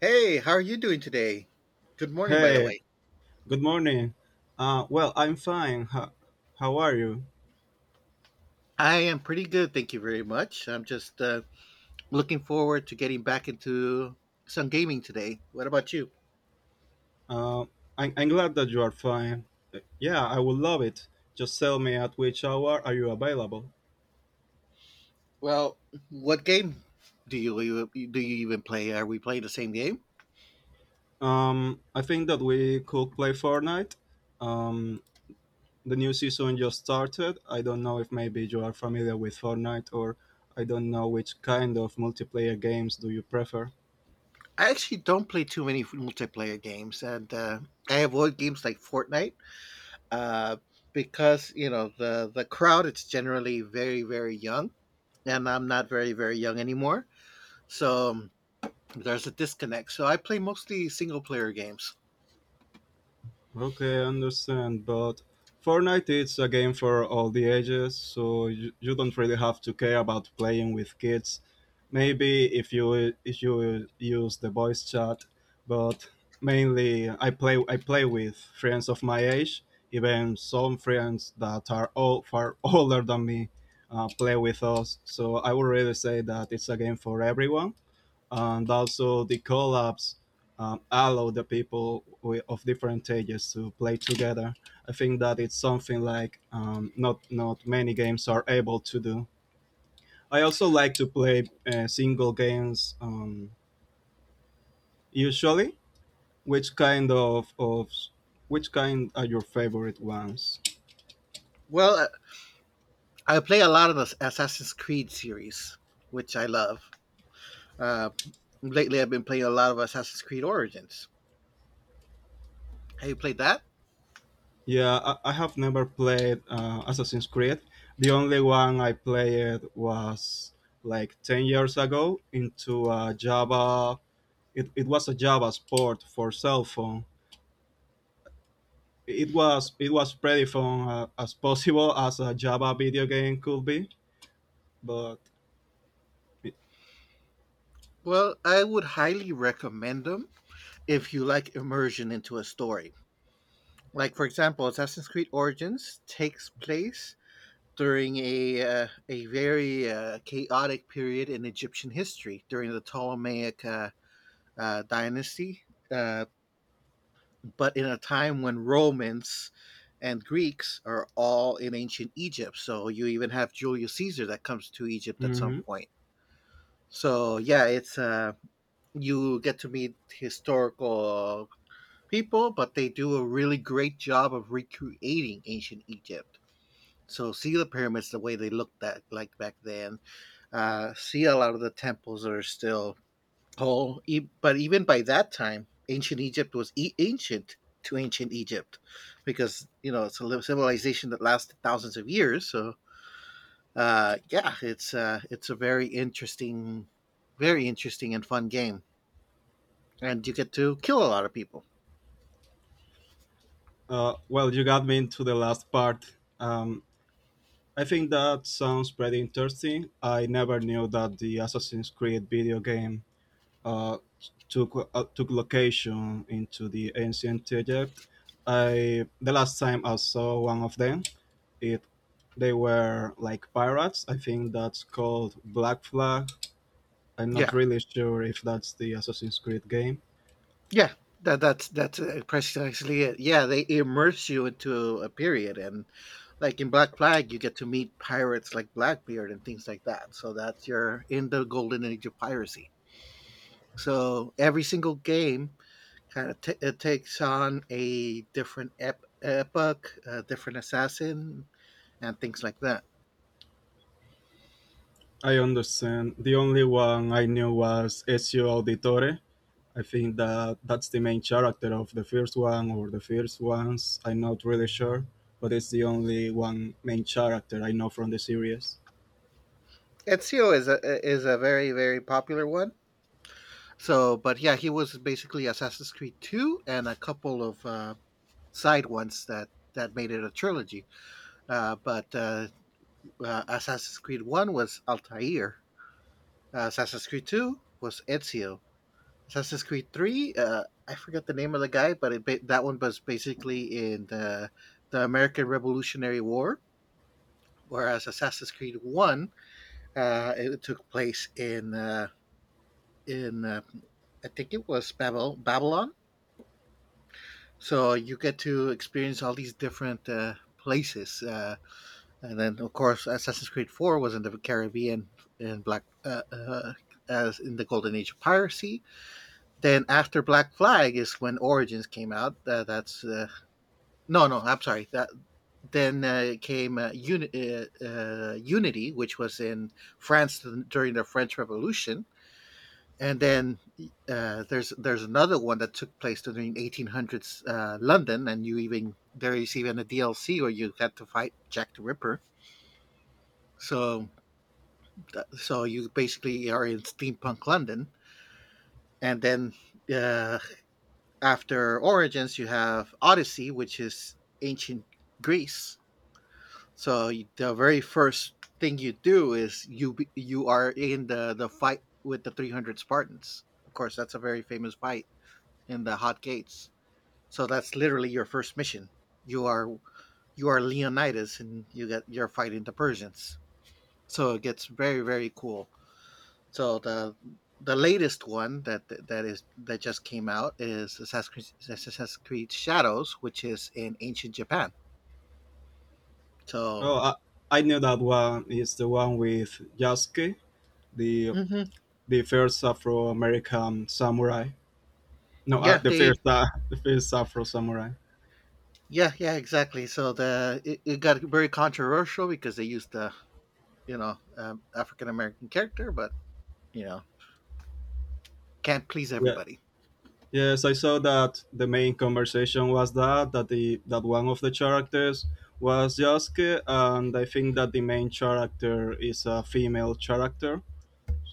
Hey, how are you doing today? Good morning, by the Hey, way. good morning. Well, I'm fine. How are you? I am pretty good, thank you very much. I'm just looking forward to getting back into some gaming today. What about you? Uh, I'm glad that you are fine. Yeah, I would love it. Just tell me at which hour are you available? Well, what game do you even play? Are we playing the same game? I think that we could play Fortnite. Um, the new season just started. I don't know if maybe you are familiar with Fortnite, or I don't know which kind of multiplayer games do you prefer. I actually don't play too many multiplayer games, and I avoid games like Fortnite uh, because you know the crowd it's generally very very young, and I'm not very very young anymore. So there's a disconnect. So I play mostly single player games. Okay, I understand, but Fortnite is a game for all the ages, so you don't really have to care about playing with kids. Maybe if you use the voice chat, but mainly I play with friends of my age, even some friends that are all far older than me play with us. So I would really say that it's a game for everyone, and also the collabs allow the people of different ages to play together. I think that it's something like not many games are able to do. I also like to play single games, usually. Which kind of, which kind are your favorite ones? Well, I play a lot of the Assassin's Creed series, which I love. Uh, Lately, I've been playing a lot of Assassin's Creed Origins. Have you played that? I have never played Assassin's Creed. The only one I played was like 10 years ago into a it was a Java as port for cell phone. It was pretty fun, as possible as a Java video game could be, but Well, I would highly recommend them if you like immersion into a story. Like, for example, Assassin's Creed Origins takes place during a very chaotic period in Egyptian history, during the Ptolemaic dynasty, uh, but in a time when Romans and Greeks are all in ancient Egypt. So you even have Julius Caesar that comes to Egypt at some Mhm. point. So yeah, it's you get to meet historical people, but they do a really great job of recreating ancient Egypt. So see the pyramids the way they looked that like back then. See a lot of the temples that are still but even by that time, ancient to ancient Egypt, because you know it's a civilization that lasted thousands of years. So yeah, it's a very interesting and fun game, and you get to kill a lot of people. Well, you got me into the last part. I think that sounds pretty interesting. I never knew that the Assassin's Creed video game uh, took location into the ancient Egypt. I The last time I saw one of them it they were like pirates. I think that's called Black Flag. I'm not Yeah, really sure if that's the Assassin's Creed game. yeah, that's precisely it. Yeah, they immerse you into a period, and like in Black Flag, you get to meet pirates like Blackbeard and things like that. So that's are in the golden age of piracy. So every single game it takes on a different epoch, a different assassin, and things like that. I understand. The only one I knew was Ezio Auditore. I think that that's the main character of the first one or the first ones. I'm not really sure, but it's the only one main character I know from the series. Ezio is a very very popular one. So, but yeah, he was basically Assassin's Creed two and a couple of side ones that made it a trilogy. But Assassin's Creed one was Altair. Assassin's Creed two was Ezio. Assassin's Creed Three. I forget the name of the guy, but that one was basically in the American Revolutionary War. Whereas Assassin's Creed One, it took place in in uh, I think it was Babylon. So you get to experience all these different places, and then of course Assassin's Creed Four was in the Caribbean in Black as in the Golden Age of piracy. Then after Black Flag is when Origins came out. That's No, no, I'm sorry. That Then came Unity, which was in France during the French Revolution, and then there's another one that took place during 1800s London, and you even there is even a DLC where you had to fight Jack the Ripper. So so you basically are in steampunk London, and then uh, after Origins you have Odyssey, which is ancient Greece. So the very first thing you do is you are in the fight with the 300 Spartans. Of course, that's a very famous fight in the Hot Gates. So that's literally your first mission. You are you are Leonidas and you're fighting the Persians. So it gets very very cool. So the latest one that just came out is Assassin's Creed Shadows, which is in ancient Japan. So Oh, I, I knew that one is the one with Yasuke, the hmm the first Afro-American samurai. No, yeah, the they first the first Afro Samurai. Yeah, yeah, exactly. So the it, it got very controversial because they used the you know African American character, but you know can't please Yeah. everybody. Yes, I saw that the main conversation was that one of the characters was Yasuke, and I think that the main character is a female character.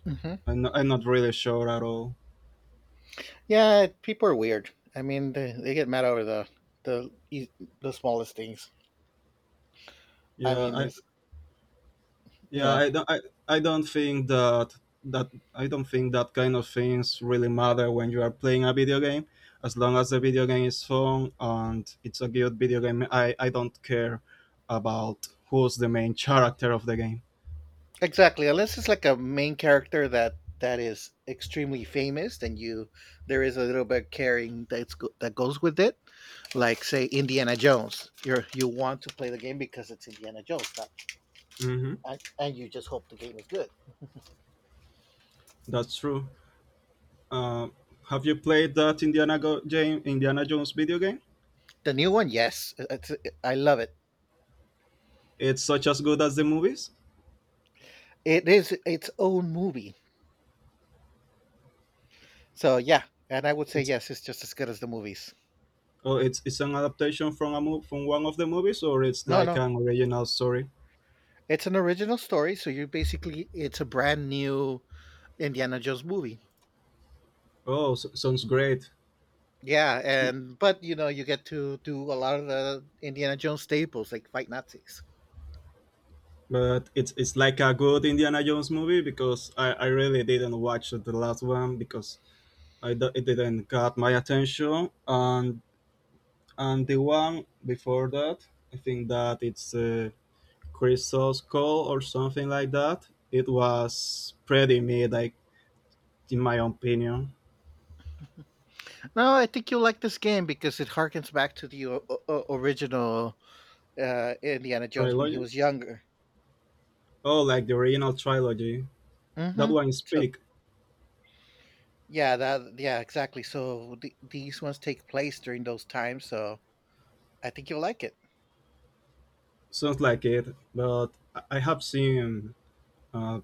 Hmm. I'm not really sure at all. Yeah, people are weird. I mean, they get mad over the e- the smallest things. I Yeah, mean, I, it's you Yeah, know I don't. I, I don't think that I don't think that kind of things really matter when you are playing a video game. As long as the video game is fun and it's a good video game, I don't care about who's the main character of the game. exactly unless it's like a main character that that is extremely famous, then you there is a little bit of caring that goes with it. Like say Indiana Jones, you want to play the game because it's Indiana Jones, not Hmm. and you just hope the game is good. That's true. Uh, have you played that Indiana Jones video game? The new one, yes, I love it. It's such as good as the movies. It is its own movie. So yeah, and I would say It's yes, it's just as good as the movies. oh, it's an adaptation from a from one of the movies, or it's No, like no, an original story. it's an original story. So you basically it's a brand new Indiana Jones movie. Oh, s- sounds great. Yeah, and but you know you get to do a lot of the Indiana Jones staples like fight Nazis. But it's like a good Indiana Jones movie because I really didn't watch the last one because it didn't got my attention, and the one before that, I think that it's Crystal's Call or something like that. It was pretty mid, like, in my opinion. No, I think you'll like this game because it harkens back to the original Indiana Jones when he Trilogy? was younger. Oh, like the original trilogy. That Hmm. one is big. Yeah, that yeah, exactly. So these ones take place during those times, so I think you'll like it. Sounds like it, but I have seen, uh,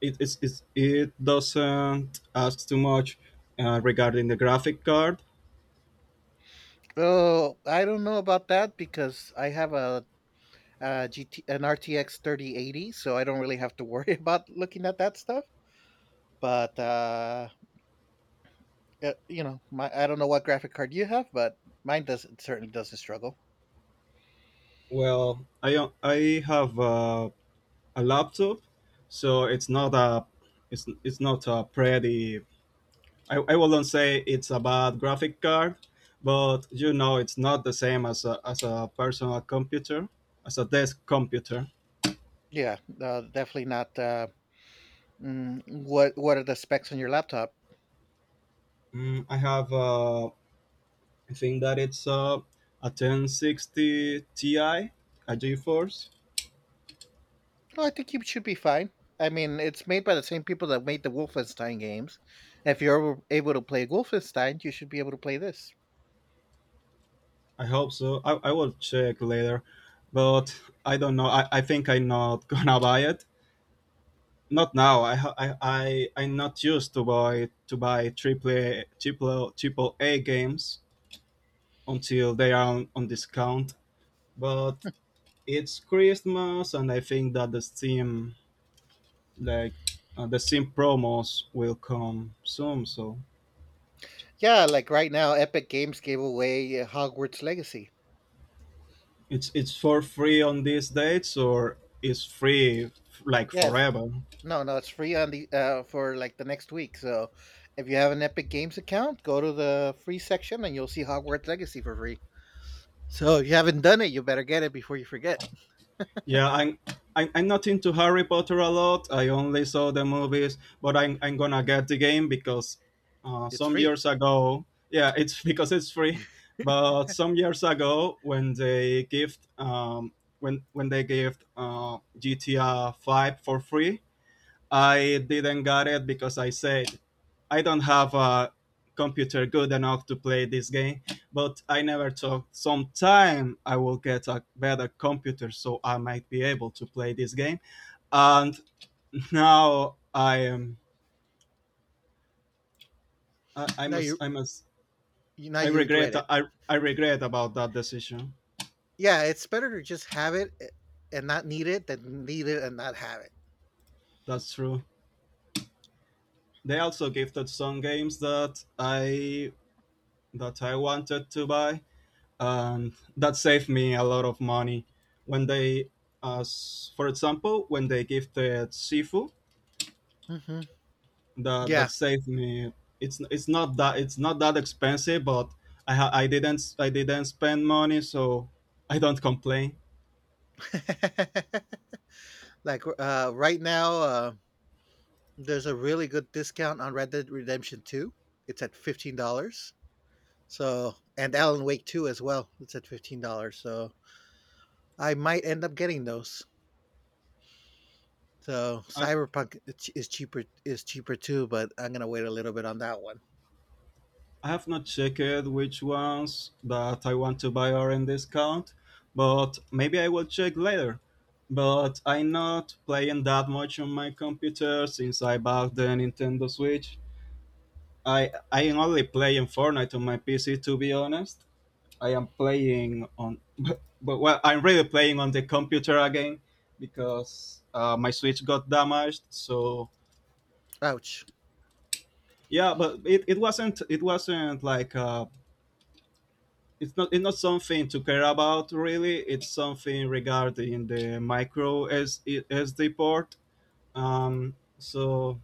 it doesn't ask too much, regarding the graphic card. Oh, I don't know about that because I have a, GT an RTX 3080, so I don't really have to worry about looking at that stuff. But you know, my I don't know what graphic card you have, but mine doesn't certainly doesn't struggle. Well, I have a laptop, so it's not a it's not a pretty. I wouldn't say it's a bad graphic card, but you know it's not the same as a personal computer, as a desk computer. Yeah, definitely not. What what are the specs on your laptop? Mm, I have I think that it's a 1060 Ti, a GeForce. No, I think you should be fine. I mean, it's made by the same people that made the Wolfenstein games. If you're able to play Wolfenstein, you should be able to play this. I hope so. I will check later, but I don't know. I think I'm not gonna buy it. Not now. I ha- I I'm not used to buy triple A games until they are on discount. But it's Christmas, and I think that the Steam, like, the Steam promos will come soon. So Yeah, like right now, Epic Games gave away Hogwarts Legacy. it's for free on these dates, or it's free like Yes, forever. no, no, it's free on the for like the next week. So, if you have an Epic Games account, go to the free section and you'll see Hogwarts Legacy for free. So, if you haven't done it, you better get it before you forget. Yeah, I'm, I'm not into Harry Potter a lot. I only saw the movies, but I'm gonna get the game because It's some free. years ago, yeah, it's because it's free. But some years ago, when they gave GTA Five for free, I didn't got it because I said I don't have a computer good enough to play this game, but I never thought sometime I will get a better computer, so I might be able to play this game. And now I am, Now you, I must. you now I you regret regret it. I, I regret about that decision. Yeah, it's better to just have it and not need it than need it and not have it. That's true. They also gifted some games that I wanted to buy, and that saved me a lot of money when they, as for example when they gifted sifu, Hmm. Yeah. that saved me. It's not that, it's not that expensive, but I didn't spend money, so I don't complain. Right now, there's a really good discount on Red Dead Redemption 2. It's at $15. So, and Alan Wake 2 as well. It's at $15. So, I might end up getting those. So, i Cyberpunk is is cheaper too, but I'm going to wait a little bit on that one. I have not checked which ones that I want to buy are in discount, but maybe I will check later. But I'm not playing that much on my computer since I bought the Nintendo Switch. I am only playing Fortnite on my PC, to be honest. I am playing on, but well, I'm really playing on the computer again because my Switch got damaged. So Ouch. yeah, but it wasn't like, uh, it's not something to care about, really. It's something regarding the micro S, SD port. So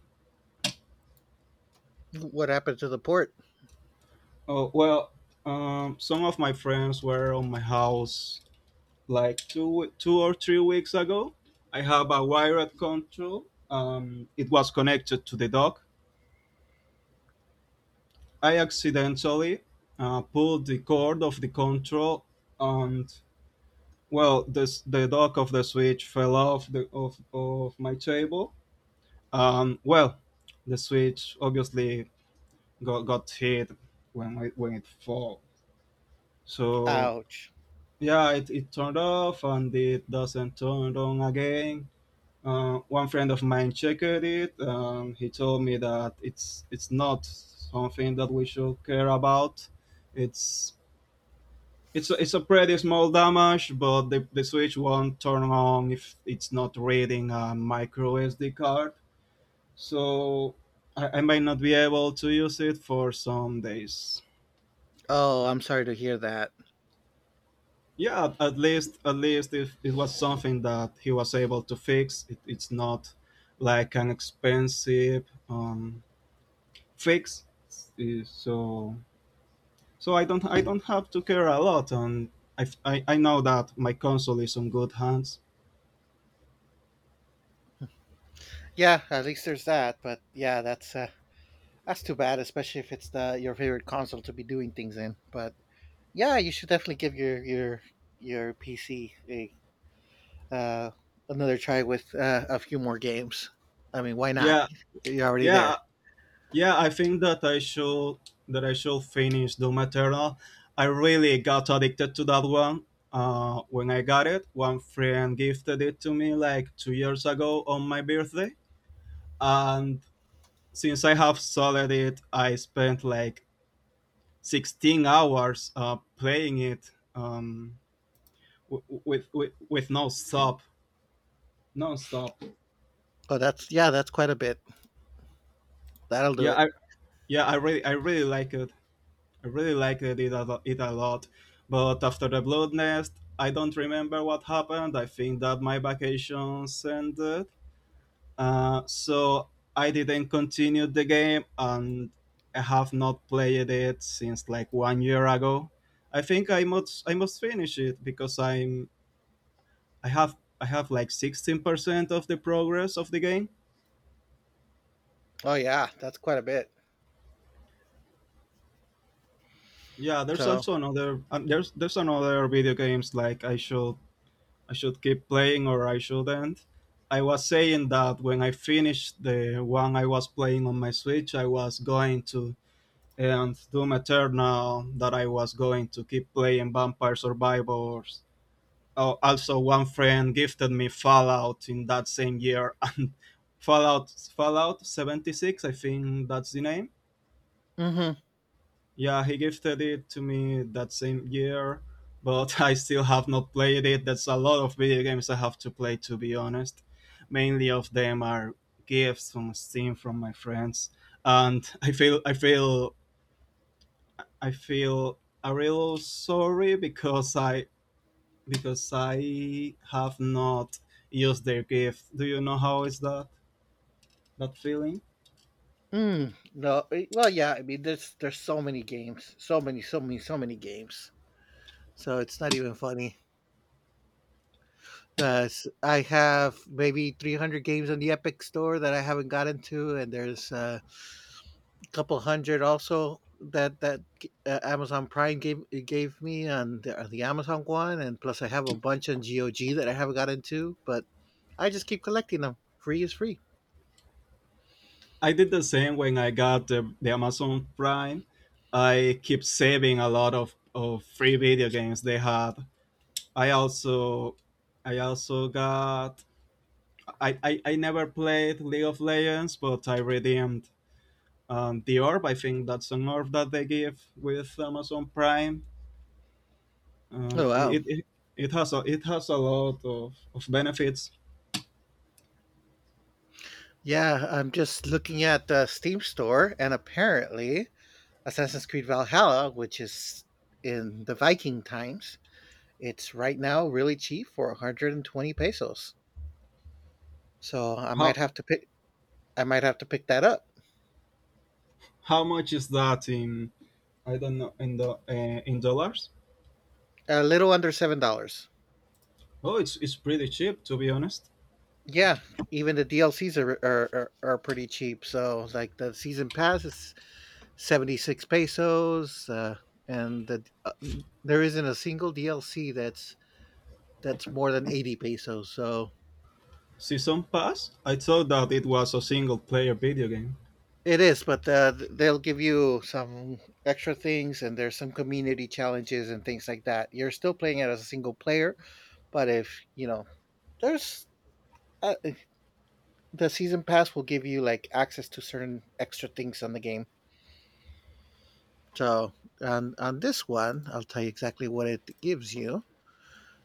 What happened to the port? oh well, some of my friends were on my house like 2 or 3 weeks ago. I have a wired control. It was connected to the dock. I accidentally pulled the cord of the control, and well, the dock of the switch fell off the of my table. Well, the switch obviously got hit when when it fell. So Ouch. yeah, it turned off and it doesn't turn on again. One friend of mine checked it. He told me that it's not something that we should care about. It's it's a pretty small damage, but the switch won't turn on if it's not reading a micro SD card. So I might not be able to use it for some days. Oh, I'm sorry to hear that. Yeah, at least, if it was something that he was able to fix, it, it's not like an expensive, Fixed, so, so I don't have to care a lot, and I know that my console is in good hands. Yeah, at least there's that. But yeah, that's too bad, especially if it's the your favorite console to be doing things in. But yeah, you should definitely give your your PC a uh, another try with a few more games. I mean, why not? yeah You're already yeah there. yeah, I think that I should finish Doom Eternal. I really got addicted to that one. When I got it, one friend gifted it to me like 2 years ago on my birthday, and since I have solid it, I spent like 16 hours playing it, um, with no stop, non stop. Oh, that's yeah, that's quite a bit. That'll do Yeah, it. I yeah I really like it. I really liked it a lot. But after the Blood Nest, I don't remember what happened. I think that my vacations ended. So I didn't continue the game, and I have not played it since like one year ago. I think I must finish it, because I'm, I have like 16% of the progress of the game. Oh yeah, that's quite a bit. Yeah, there's So, also another, there's another video games like I should, I should keep playing or I shouldn't. I was saying that when I finished the one I was playing on my Switch, I was going to, and Doom Eternal that I was going to keep playing Vampire Survivors. Oh, also, one friend gifted me Fallout in that same year, and Fallout Fallout 76, I think that's the name. hmm Yeah, he gifted it to me that same year, but I still have not played it. That's a lot of video games I have to play, to be honest. Mainly of them are gifts from Steam from my friends, and I feel a real sorry because I have not used their gift. Do you know how is that feeling? No, well, yeah. I mean, there's so many games, so many, so many, so many games. So it's not even funny. I have maybe 300 games on the Epic Store that I haven't gotten to, and there's a couple hundred also that Amazon Prime gave me on on the Amazon one, and plus I have a bunch on GOG that I haven't gotten to, but I just keep collecting them. Free is free. I did the same when I got the Amazon Prime. I keep saving a lot of free video games they had. I also I also got I never played League of Legends, but I redeemed the orb. I think that's an orb that they give with Amazon Prime. Oh Um, wow, it, it it has a lot of benefits. yeah. I'm just looking at the Steam Store, and apparently Assassin's Creed Valhalla, which is in the Viking times, it's right now really cheap for 120 pesos. So I might How have to pick. I might have to pick that up. how much is that in? I don't know in the In dollars? A little under $7. Oh, it's pretty cheap, to be honest. Yeah, even the DLCs are are pretty cheap. So like the season pass is 76 pesos, and there isn't a single DLC that's more than 80 pesos. So Season Pass? I thought that it was a single player video game. it is, but they'll give you some extra things, and there's some community challenges and things like that. You're still playing it as a single player, but if you know there's uh, the season pass will give you like access to certain extra things on the game. So on this one, I'll tell you exactly what it gives you.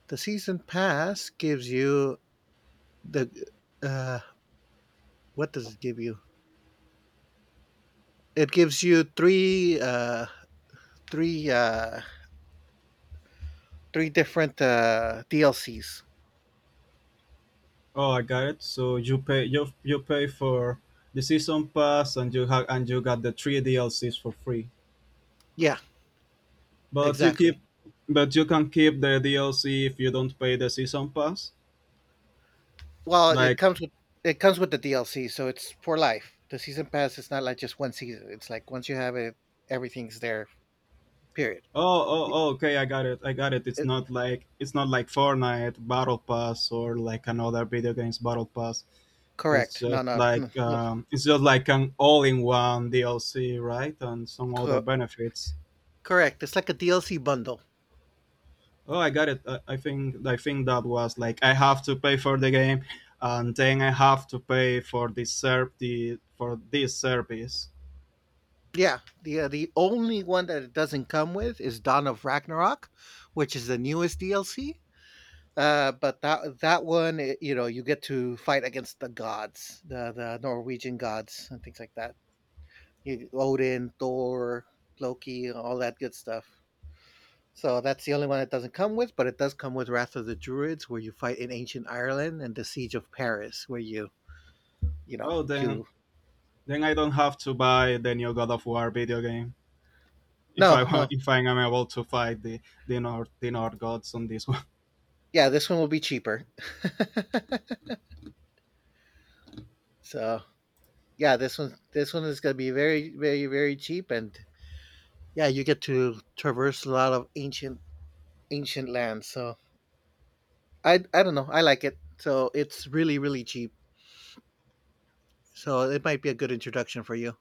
The season pass gives you the uh, what does it give you? It gives you three uh, three different DLCs. Oh, I got it. So you pay for the season pass and you have and you got the three DLCs for free. Yeah, But you keep exactly. but you can keep the DLC if you don't pay the season pass. Well, Like it comes with the DLC, so it's for life. The season pass is not like just one season. It's like once you have it, everything's there. Period. oh oh, oh okay I got it I got it. It's uh, not like Fortnite battle pass or like another video games battle pass. Correct. No, no, no, no. It's just like an all-in-one DLC, right? And some other Co- benefits. Correct. It's like a DLC bundle. Oh, I got it. I think that was like I have to pay for the game, and then I have to pay for this ser- the for this service. Yeah, the only one that it doesn't come with is Dawn of Ragnarok, which is the newest DLC. But that one, you know, you get to fight against the gods, the Norwegian gods and things like that. You, Odin, Thor, Loki, all that good stuff. So that's the only one that doesn't come with, but it does come with Wrath of the Druids, where you fight in ancient Ireland, and the Siege of Paris, where you know Oh, then you, I don't have to buy the new God of War video game no, no, if I'm able to fight the the North gods on this one. yeah, this one will be cheaper. So, yeah, this one is going to be very, very, very cheap, and yeah, you get to traverse a lot of ancient land. So I don't know, I like it. So it's really, really cheap. So it might be a good introduction for you.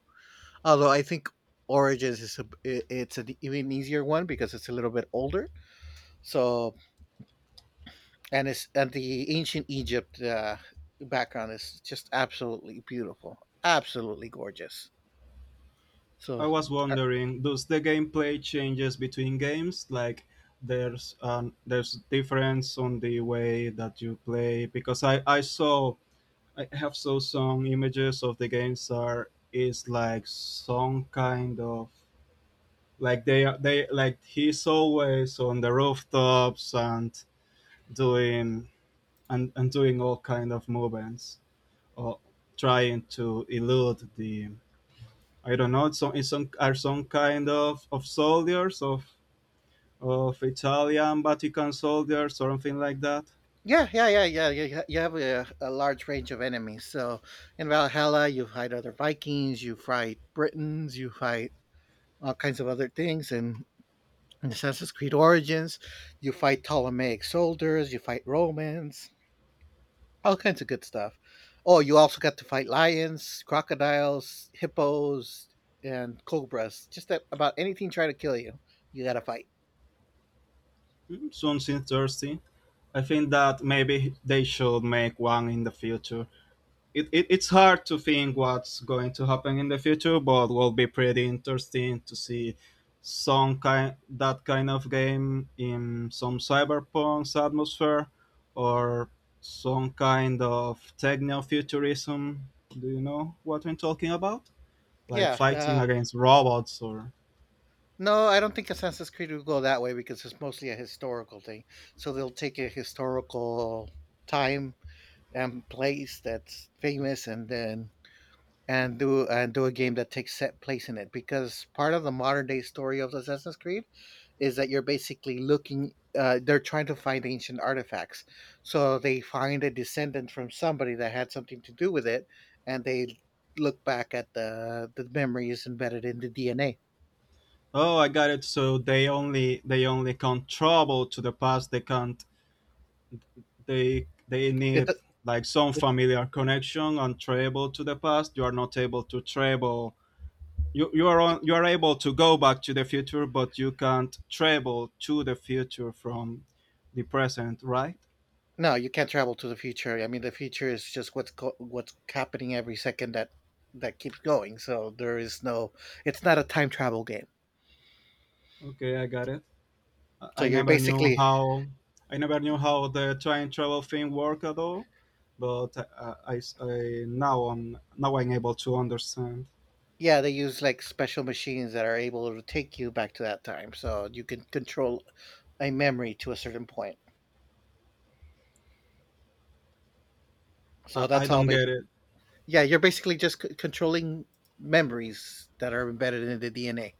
Although I think Origins is it's an even easier one because it's a little bit older. So and the ancient Egypt background is just absolutely beautiful, absolutely gorgeous. I So was wondering, does the gameplay changes between games? Like, there's difference on the way that you play because I saw I have saw some images of the games are is like some kind of like they are they like he's always on the rooftops doing and doing all kind of movements or trying to elude the I don't know, some, it's some are some kind of soldiers of Italian Vatican soldiers, something like that. yeah, yeah, yeah, yeah. You, you have a large range of enemies. So in Valhalla, you fight other Vikings, you fight Britons, you fight all kinds of other things. And in Assassin's Creed Origins, you fight Ptolemaic soldiers, you fight Romans, all kinds of good stuff. Oh, you also got to fight lions, crocodiles, hippos, and cobras. Just that about anything trying to kill you, you got to fight. Mm, sounds interesting. I think that maybe they should make one in the future. It's hard to think what's going to happen in the future, but will be pretty interesting to see some kind that kind of game in some cyberpunk's atmosphere or some kind of techno futurism. Do you know what I'm talking about? Like Yeah, fighting against robots or no, I don't think Assassin's Creed will go that way because it's mostly a historical thing. So they'll take a historical time and place that's famous, and then and do a game that takes set place in it. Because part of the modern day story of Assassin's Creed is that you're basically looking. They're trying to find ancient artifacts, so they find a descendant from somebody that had something to do with it, and they look back at the memories embedded in the DNA. Oh, I got it, so they only can travel to the past. They can't, they It, need like some it familiar connection and travel to the past. You are not able to travel. You are able to go back to the future, but you can't travel to the future from the present, right? No, you can't travel to the future. I mean, the future is just what's happening every second that that keeps going. So there is no. It's not a time travel game. Okay, I got it. I So I you're never knew basically. how the time travel thing worked at all, but I'm able to understand. Yeah, they use like special machines that are able to take you back to that time. So you can control a memory to a certain point. So I that's all. don't get it. Yeah, you're basically just controlling memories that are embedded in the DNA.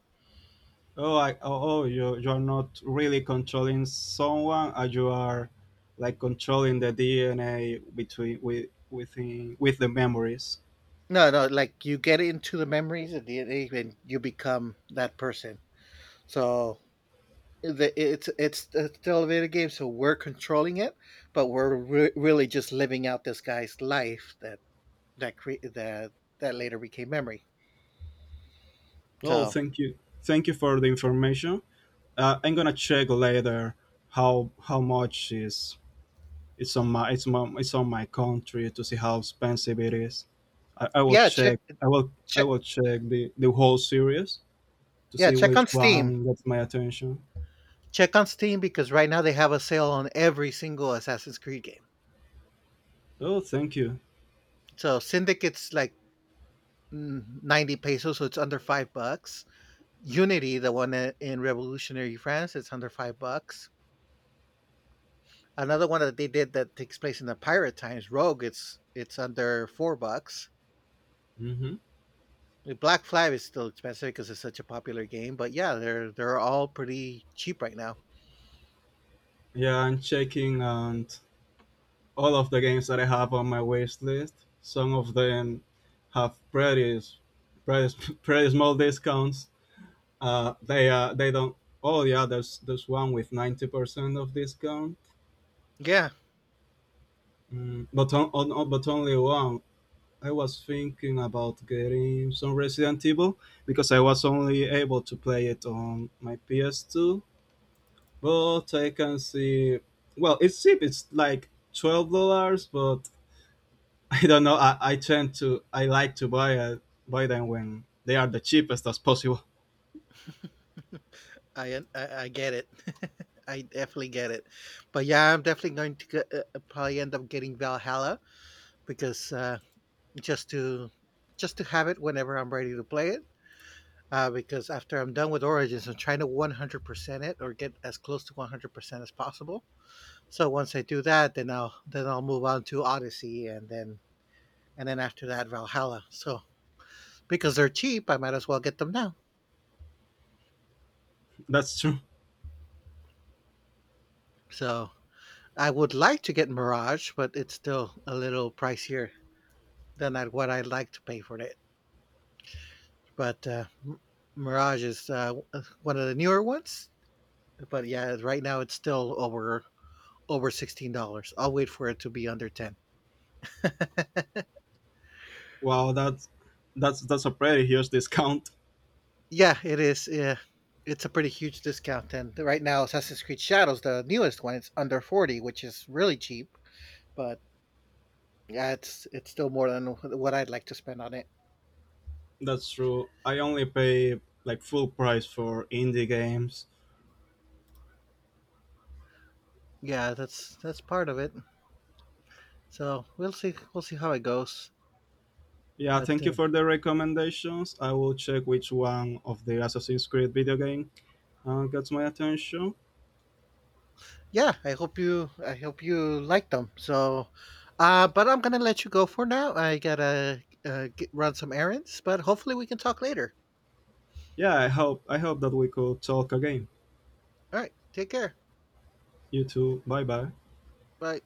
Oh, you you're not really controlling someone, you are like controlling the DNA between with within with the memories. No, no, like you get into the memories of DNA and you become that person. So it's a elevator game, so we're controlling it, but we're really just living out this guy's life that that later became memory. Well, So, thank you for the information. I'm gonna check later how much is it's on my country to see how expensive it is. I, I will yeah, check check. I will I check will check the whole series to yeah, see check which on Steam. one gets my attention. Check on Steam because right now they have a sale on every single Assassin's Creed game. Oh, thank you. So Syndicate's like 90 pesos, so it's under $5. Unity, the one in Revolutionary France, it's under $5. Another one that they did that takes place in the pirate times, Rogue. It's under $4. Hmm. Black Flag is still expensive because it's such a popular game, but yeah, they're all pretty cheap right now. Yeah, I'm checking, and all of the games that I have on my wish list, some of them have pretty small discounts. They don't. Oh yeah, there's one with 90% of discount. Yeah, Mm, but but only one. I was thinking about getting some Resident Evil because I was only able to play it on my PS2. But I can see. Well, it's cheap. It's like $12, but I don't know. I like to buy buy them when they are the cheapest as possible. I get it. I definitely get it. But yeah, I'm definitely going to get, probably end up getting Valhalla because just to just to have it whenever I'm ready to play it. Because after I'm done with Origins, I'm trying to 100% it or get as close to 100% as possible. So once I do that, then I'll move on to Odyssey, and then after that Valhalla. So because they're cheap, I might as well get them now. That's true. So I would like to get Mirage, but it's still a little pricier than what I'd like to pay for it. But Mirage is one of the newer ones. But yeah, right now it's still over $16. I'll wait for it to be under 10. Wow, that's a pretty huge discount. Yeah, it is. Yeah, it's a pretty huge discount. And right now, Assassin's Creed Shadows, the newest one, it's under 40, which is really cheap. But yeah, it's still more than what I'd like to spend on it. That's true. I only pay like full price for indie games. Yeah, that's part of it. So we'll see how it goes. Yeah, But thank you for the recommendations. I will check which one of the Assassin's Creed video game gets my attention. yeah, I hope you like them. So, but I'm gonna let you go for now. I gotta run some errands, but hopefully we can talk later. Yeah, I hope that we could talk again. All right, take care. You too. Bye bye. Bye.